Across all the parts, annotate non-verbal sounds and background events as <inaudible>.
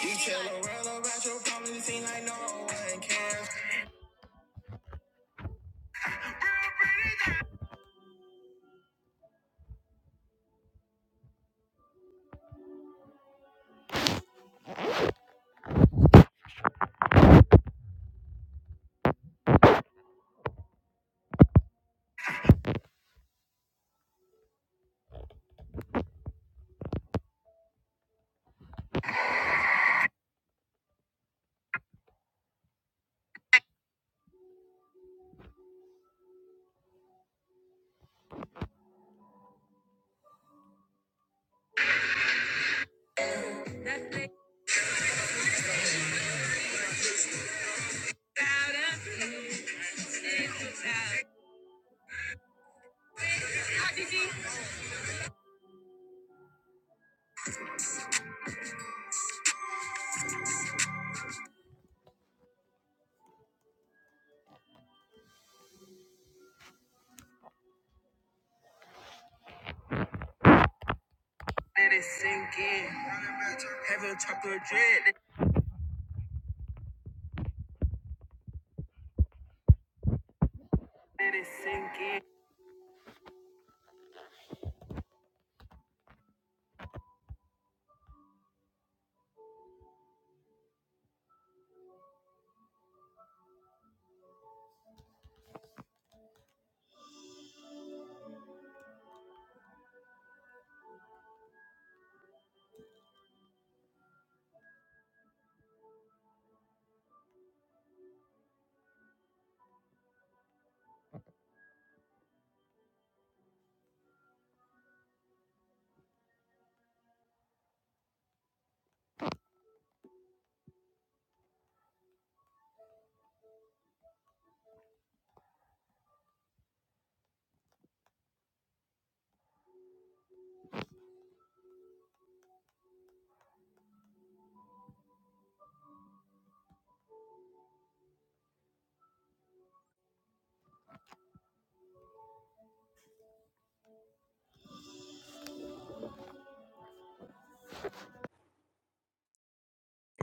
You tell the about your problems, it seem like no one cares. Let it sink in. Have a chocolate dread. Let it sink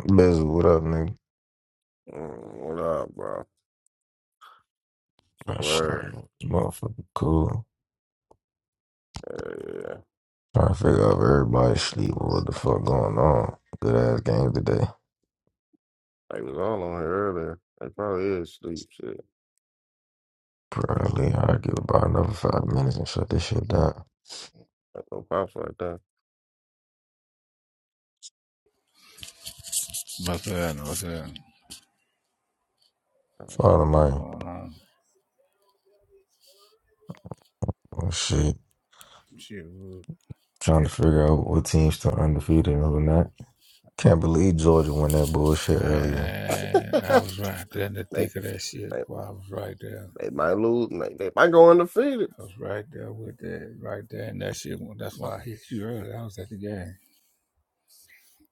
in. Biz, what up, nigga? Mm, What up, bro? I'm Word. Motherfucker, cool. Hell yeah. Trying to figure out if everybody's sleeping. What the fuck going on? Good ass game today. They was all on here earlier. They probably is sleep shit. Probably I'll give it about another five minutes and shut this shit down. Like no pops right there. What's up? What's up? Follow What's Um, mine. going on? Oh shit. Shit, well, Trying to figure out what team's still undefeated and who not. Can't believe Georgia won that bullshit earlier. Man, I was right there in the They, thick of that shit. they Boy, I was right there. they might lose. They, they might go undefeated. I was right there with that, right there. And that shit, that's why I hit you earlier. I was at the game.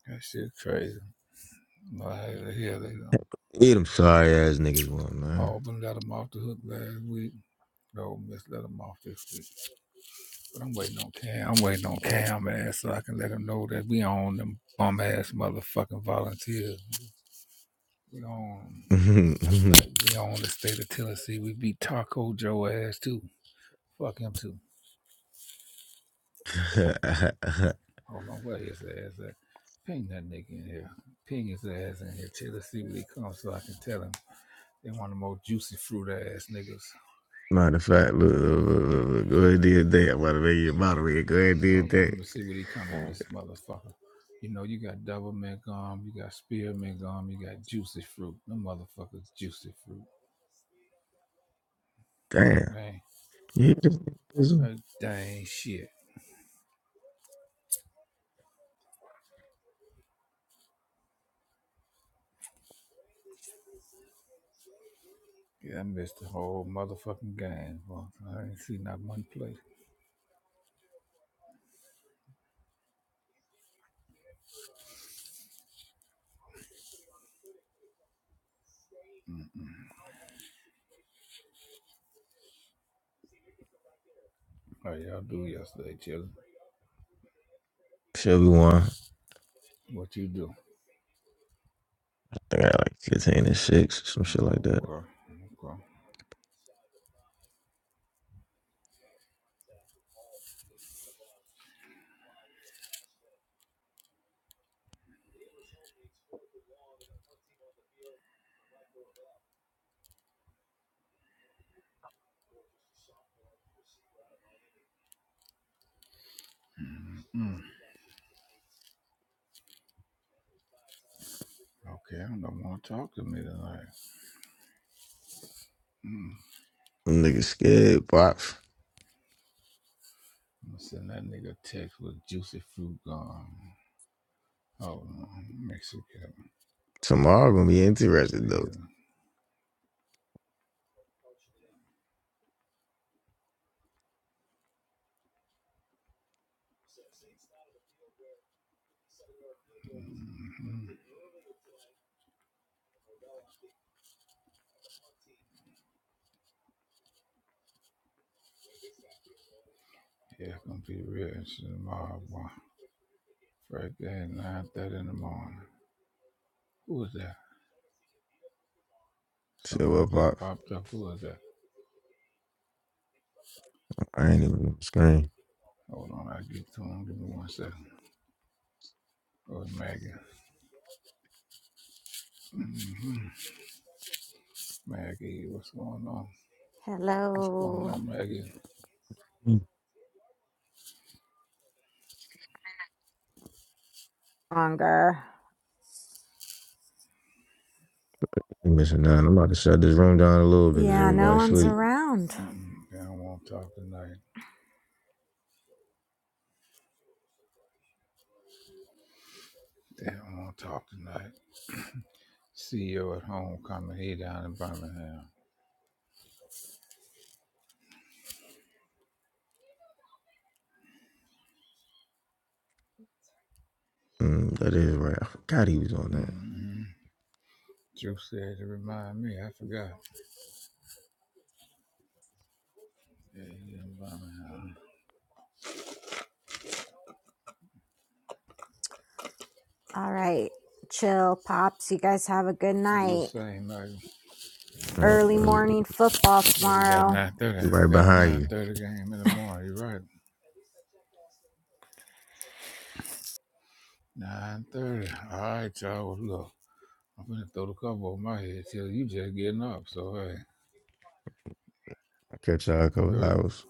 That shit crazy. No, I had to hear that. Um, Eat them sorry ass niggas one, man. Auburn let him off the hook last week. No, Miss let him off this week. But I'm waiting on Cam. I'm waiting on Mm, Cam, man, so I can let him know that we own them bum ass motherfucking volunteers. We on. Matter of fact, <laughs> we on the state of Tennessee. We beat Taco Joe ass too. Fuck him too. Hold on, where his ass at? Ping that nigga in here. Ping his ass in here. Chill, let's see what he comes so I can tell him. They one of the most juicy fruit ass niggas. Matter of fact, look, look, look, look, look, go ahead and do your thing. I'm about to make you a moderator. Go ahead and do your Hold on, let thing. me see what he coming mm. this motherfucker. You know, you got double mint gum, you got spearmint gum, you got juicy fruit. No motherfuckers juicy fruit. Damn. Dang, You hear this? This one? that dang shit. Yeah, I missed the whole motherfucking game. Well, I ain't seen not one play. How y'all do yesterday, children? Sure, we won. What you do? I got like 15 and 6, some shit like that. Okay, okay. Mm. Okay, I don't want to talk to me tonight. Mm. Them Niggas scared, pops. I'm gonna send that nigga a text with juicy fruit gone. Oh, no, Mexican. Tomorrow gonna be Yes, it interesting, though. is. Mm-hmm. Yeah, it's gonna be real shit tomorrow, boy. Right there at 9.30 in the morning. Who is that? Shit, Somebody well, just Pop, popped up. Who is that? I ain't even on the screen. Hold on, I'll get to him. Give me one second. Oh, Maggie. hmm Maggie, what's going on? What's going Hello, on, Maggie? Mm. longer. You missing out. I'm about to shut this room down a little bit because Yeah, no everybody one's sleep. around. mm They don't want to talk tonight. They don't want to talk tonight. CEO at home coming. He down in Birmingham. Mm, that is right. I forgot he was on that. Mm-hmm. Drew said to remind me. I forgot. Yeah, he's in Birmingham. All right, chill, pops. You guys have a good You do the night. same, Maggie. All Early right, morning football Yeah, we got tomorrow. 9.30. we We right got a behind you. 9.30 game in the morning. You're right. 9.30. All right, y'all. Well, Look, I'm going to throw the cover over my head till you just getting up. So, hey. I'll catch y'all in a couple Okay, hours.